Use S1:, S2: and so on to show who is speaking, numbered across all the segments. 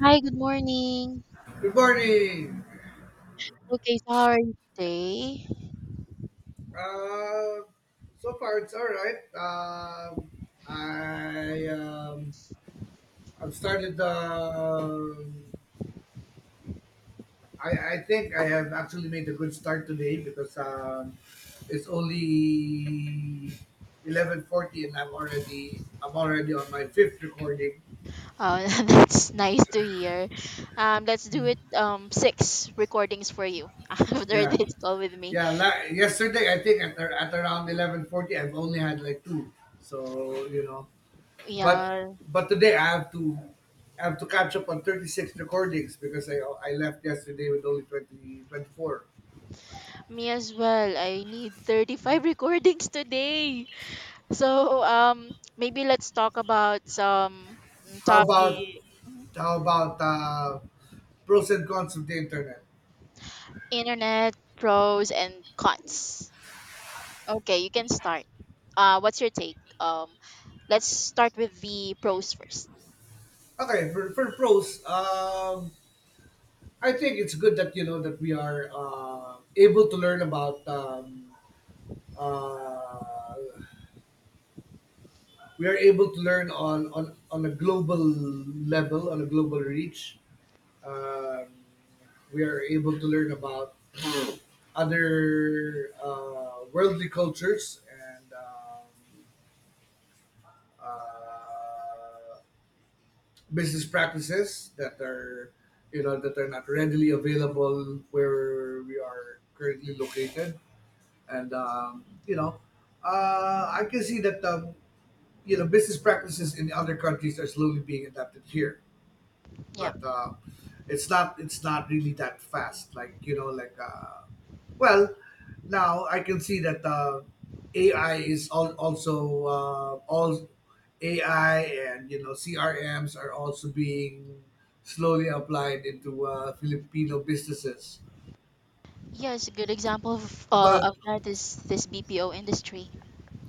S1: Hi, good morning.
S2: Good morning.
S1: Okay, so how are you today?
S2: Uh, so far, it's all right. I I've started. I think I have actually made a good start today because it's only 11:40, and I'm already on my fifth recording.
S1: That's nice to hear. Let's do it. Six recordings for you after
S2: Yeah,
S1: this call with me.
S2: yeah. Yesterday, I think at around 11:40, I've only had like two. So you know, But
S1: Yeah,
S2: today I have to catch up on 36 recordings because I left yesterday with only twenty twenty four.
S1: me as well. I need 35 recordings today. So, maybe let's talk about some
S2: How about
S1: topic. Mm-hmm.
S2: how about pros and cons of the internet?
S1: Internet pros and cons. Okay, you can start. What's your take? Let's start with the pros first.
S2: Okay, for pros, I think it's good that that we are able to learn about uh, we are able to learn on a global level on a global reach um, we are able to learn about other worldly cultures and uh, business practices that are that are not readily available where we are currently located, and I can see that business practices in other countries are slowly being adapted here,
S1: Yeah.
S2: but it's not really that fast. Like, well, now I can see that AI is also all AI, and CRMs are also being slowly applied into Filipino businesses.
S1: Yes, a good example
S2: But
S1: of that is this BPO industry.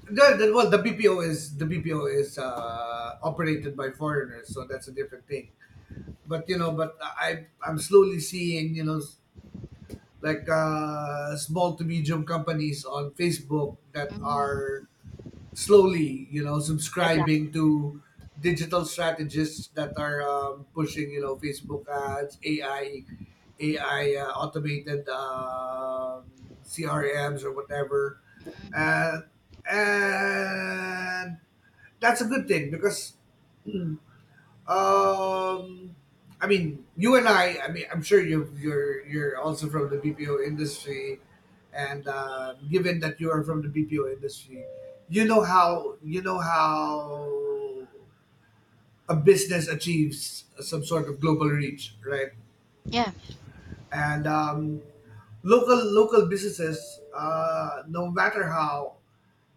S2: well, the BPO is operated by foreigners, so that's a different thing. But I'm slowly seeing like small to medium companies on Facebook that
S1: Mm,
S2: are slowly,
S1: adapt.
S2: subscribing to digital strategists that are pushing, Facebook ads, AI, automated CRMs or whatever,
S1: Mm,
S2: and and that's a good thing because um, I mean, you and I. I mean, I'm sure you're also from the BPO industry, and given that you are from the BPO industry, you know how a business achieves some sort of global reach, right?
S1: yeah,
S2: And local businesses, no matter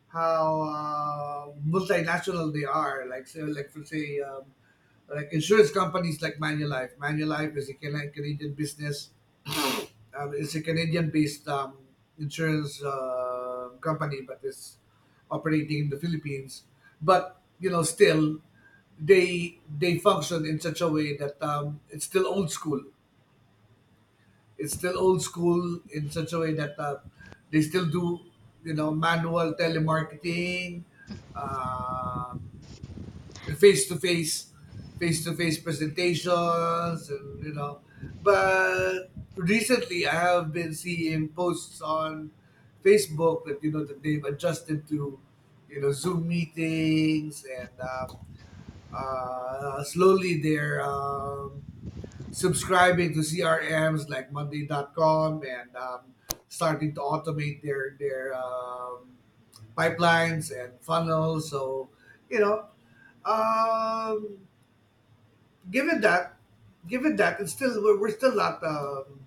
S2: how multinational they are, like say like for say. Like insurance companies like Manulife. Manulife is a Canadian business. It's a Canadian-based insurance company, but it's operating in the Philippines. But still they function in such a way that it's still old school. It's still old school in such a way that they still do manual telemarketing. Um, face to face, Face to face presentations, and. But recently, I have been seeing posts on Facebook that that they've adjusted to, Zoom meetings, and slowly they're subscribing to CRMs like Monday.com and starting to automate their pipelines and funnels. So, you know, um, given that, given that, it's still we're still not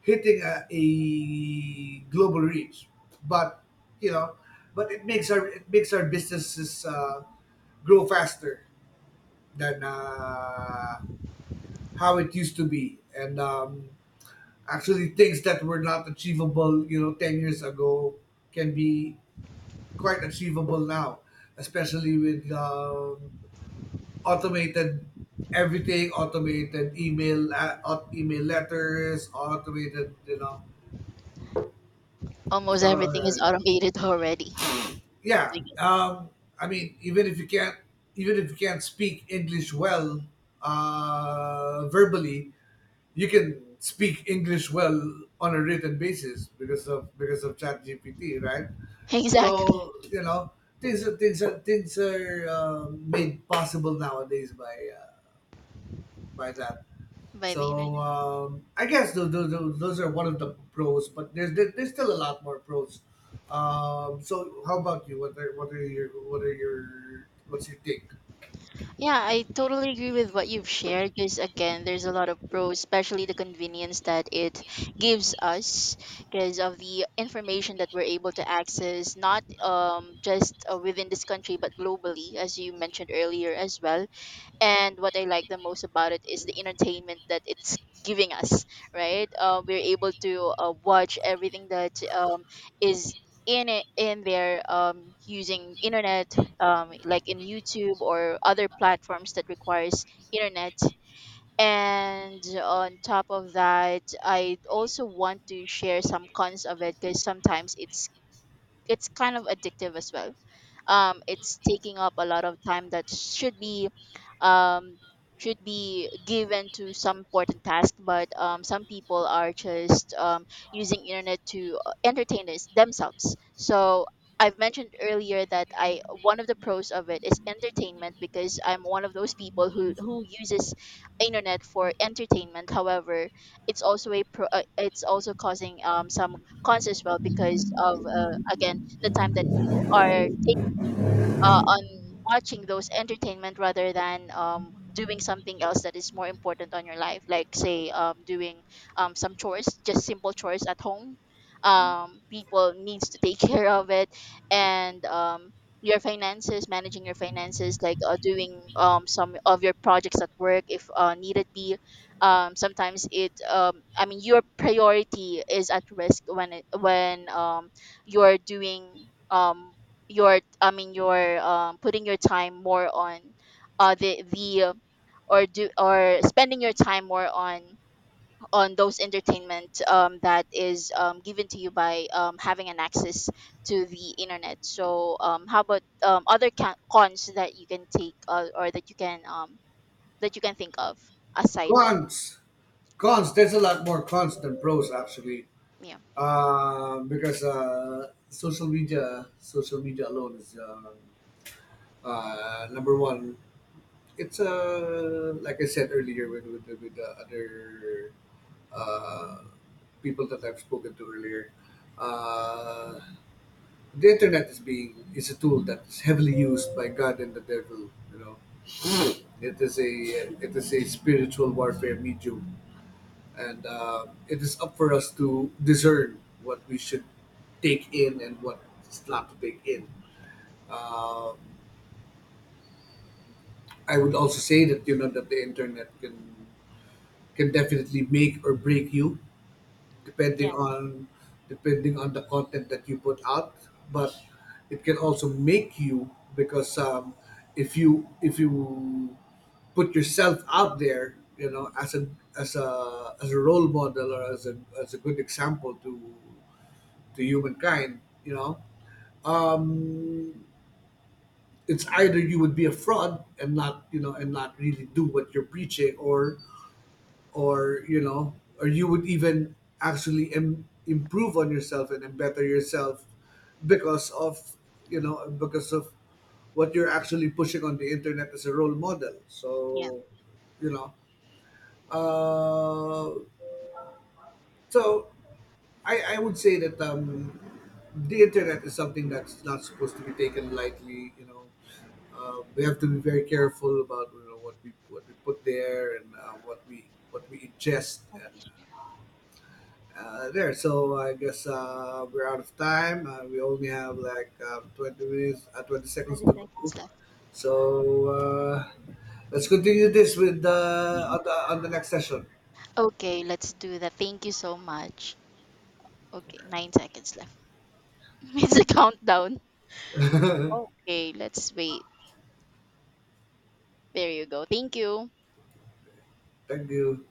S2: hitting a global reach, but you know, it makes our businesses grow faster than how it used to be, and actually things that were not achievable, 10 years ago can be quite achievable now, especially with automated everything, automated email, email letters, automated.
S1: almost
S2: So
S1: everything
S2: uh,
S1: is automated already.
S2: yeah, I mean, even if you can't speak English well verbally, you can speak English well on a written basis because of Chat GPT, right?
S1: Exactly,
S2: So, things are made possible nowadays by that.
S1: by the
S2: So
S1: internet.
S2: um, I guess those are one of the pros, but there's still a lot more pros. So, how about you? What's your take?
S1: Yeah, I totally agree with what you've shared because, again, there's a lot of pros, especially the convenience that it gives us because of the information that we're able to access, not just within this country, but globally, as you mentioned earlier as well. And what I like the most about it is the entertainment that it's giving us, right? We're able to watch everything that is in there, using internet, like in YouTube or other platforms that requires internet. And on top of that, I also want to share some cons of it because sometimes it's kind of addictive as well. It's taking up a lot of time that should be, um, should be given to some important task. But some people are just using internet to entertain this themselves. So I've mentioned earlier that I one of the pros of it is entertainment because I'm one of those people who uses internet for entertainment. However, it's also a pro, it's also causing some cons as well because of, again, the time that you are on watching those entertainment rather than doing something else that is more important on your life, like say doing some chores, just simple chores at home. People needs to take care of it, and your finances, managing your finances, like doing some of your projects at work if needed be. Sometimes it, I mean, your priority is at risk when you're doing, your— I mean, your, putting your time more on the or do or spending your time more on those entertainment that is, given to you by having an access to the internet. So, how about, other cons that you can take, or that you can think of aside from?
S2: Cons, cons. There's a lot more cons than pros actually,
S1: Yeah,
S2: um, because social media alone is number one. It's like I said earlier with the other uh, people that I've spoken to earlier. Uh, the internet is a tool that's heavily used by God and the devil. It is a spiritual warfare medium, and it is up for us to discern what we should take in and what not to take in. Um I would also say that that the internet can definitely make or break you depending
S1: yeah,
S2: on depending on the content that you put out, but it can also make you because if you put yourself out there, as a role model or as a good example to humankind um it's either you would be a fraud and not really do what you're preaching, or you know or you would even actually improve on yourself and better yourself because of because of what you're actually pushing on the internet as a role model
S1: yeah.
S2: so you know uh, so I, I would say that the internet is something that's not supposed to be taken lightly. We have to be very careful about what we put there, and what we what we ingest uh,
S1: Okay,
S2: Uh, There, so I guess we're out of time. We only have like 20 minutes, 20 seconds
S1: 20
S2: to
S1: seconds
S2: go. So, let's continue this with the
S1: left.
S2: on the, on the next session.
S1: Okay, let's do that. Thank you so much. Okay, 9 seconds left. It's a countdown. Okay, let's wait. There you go. Thank you.
S2: Thank you.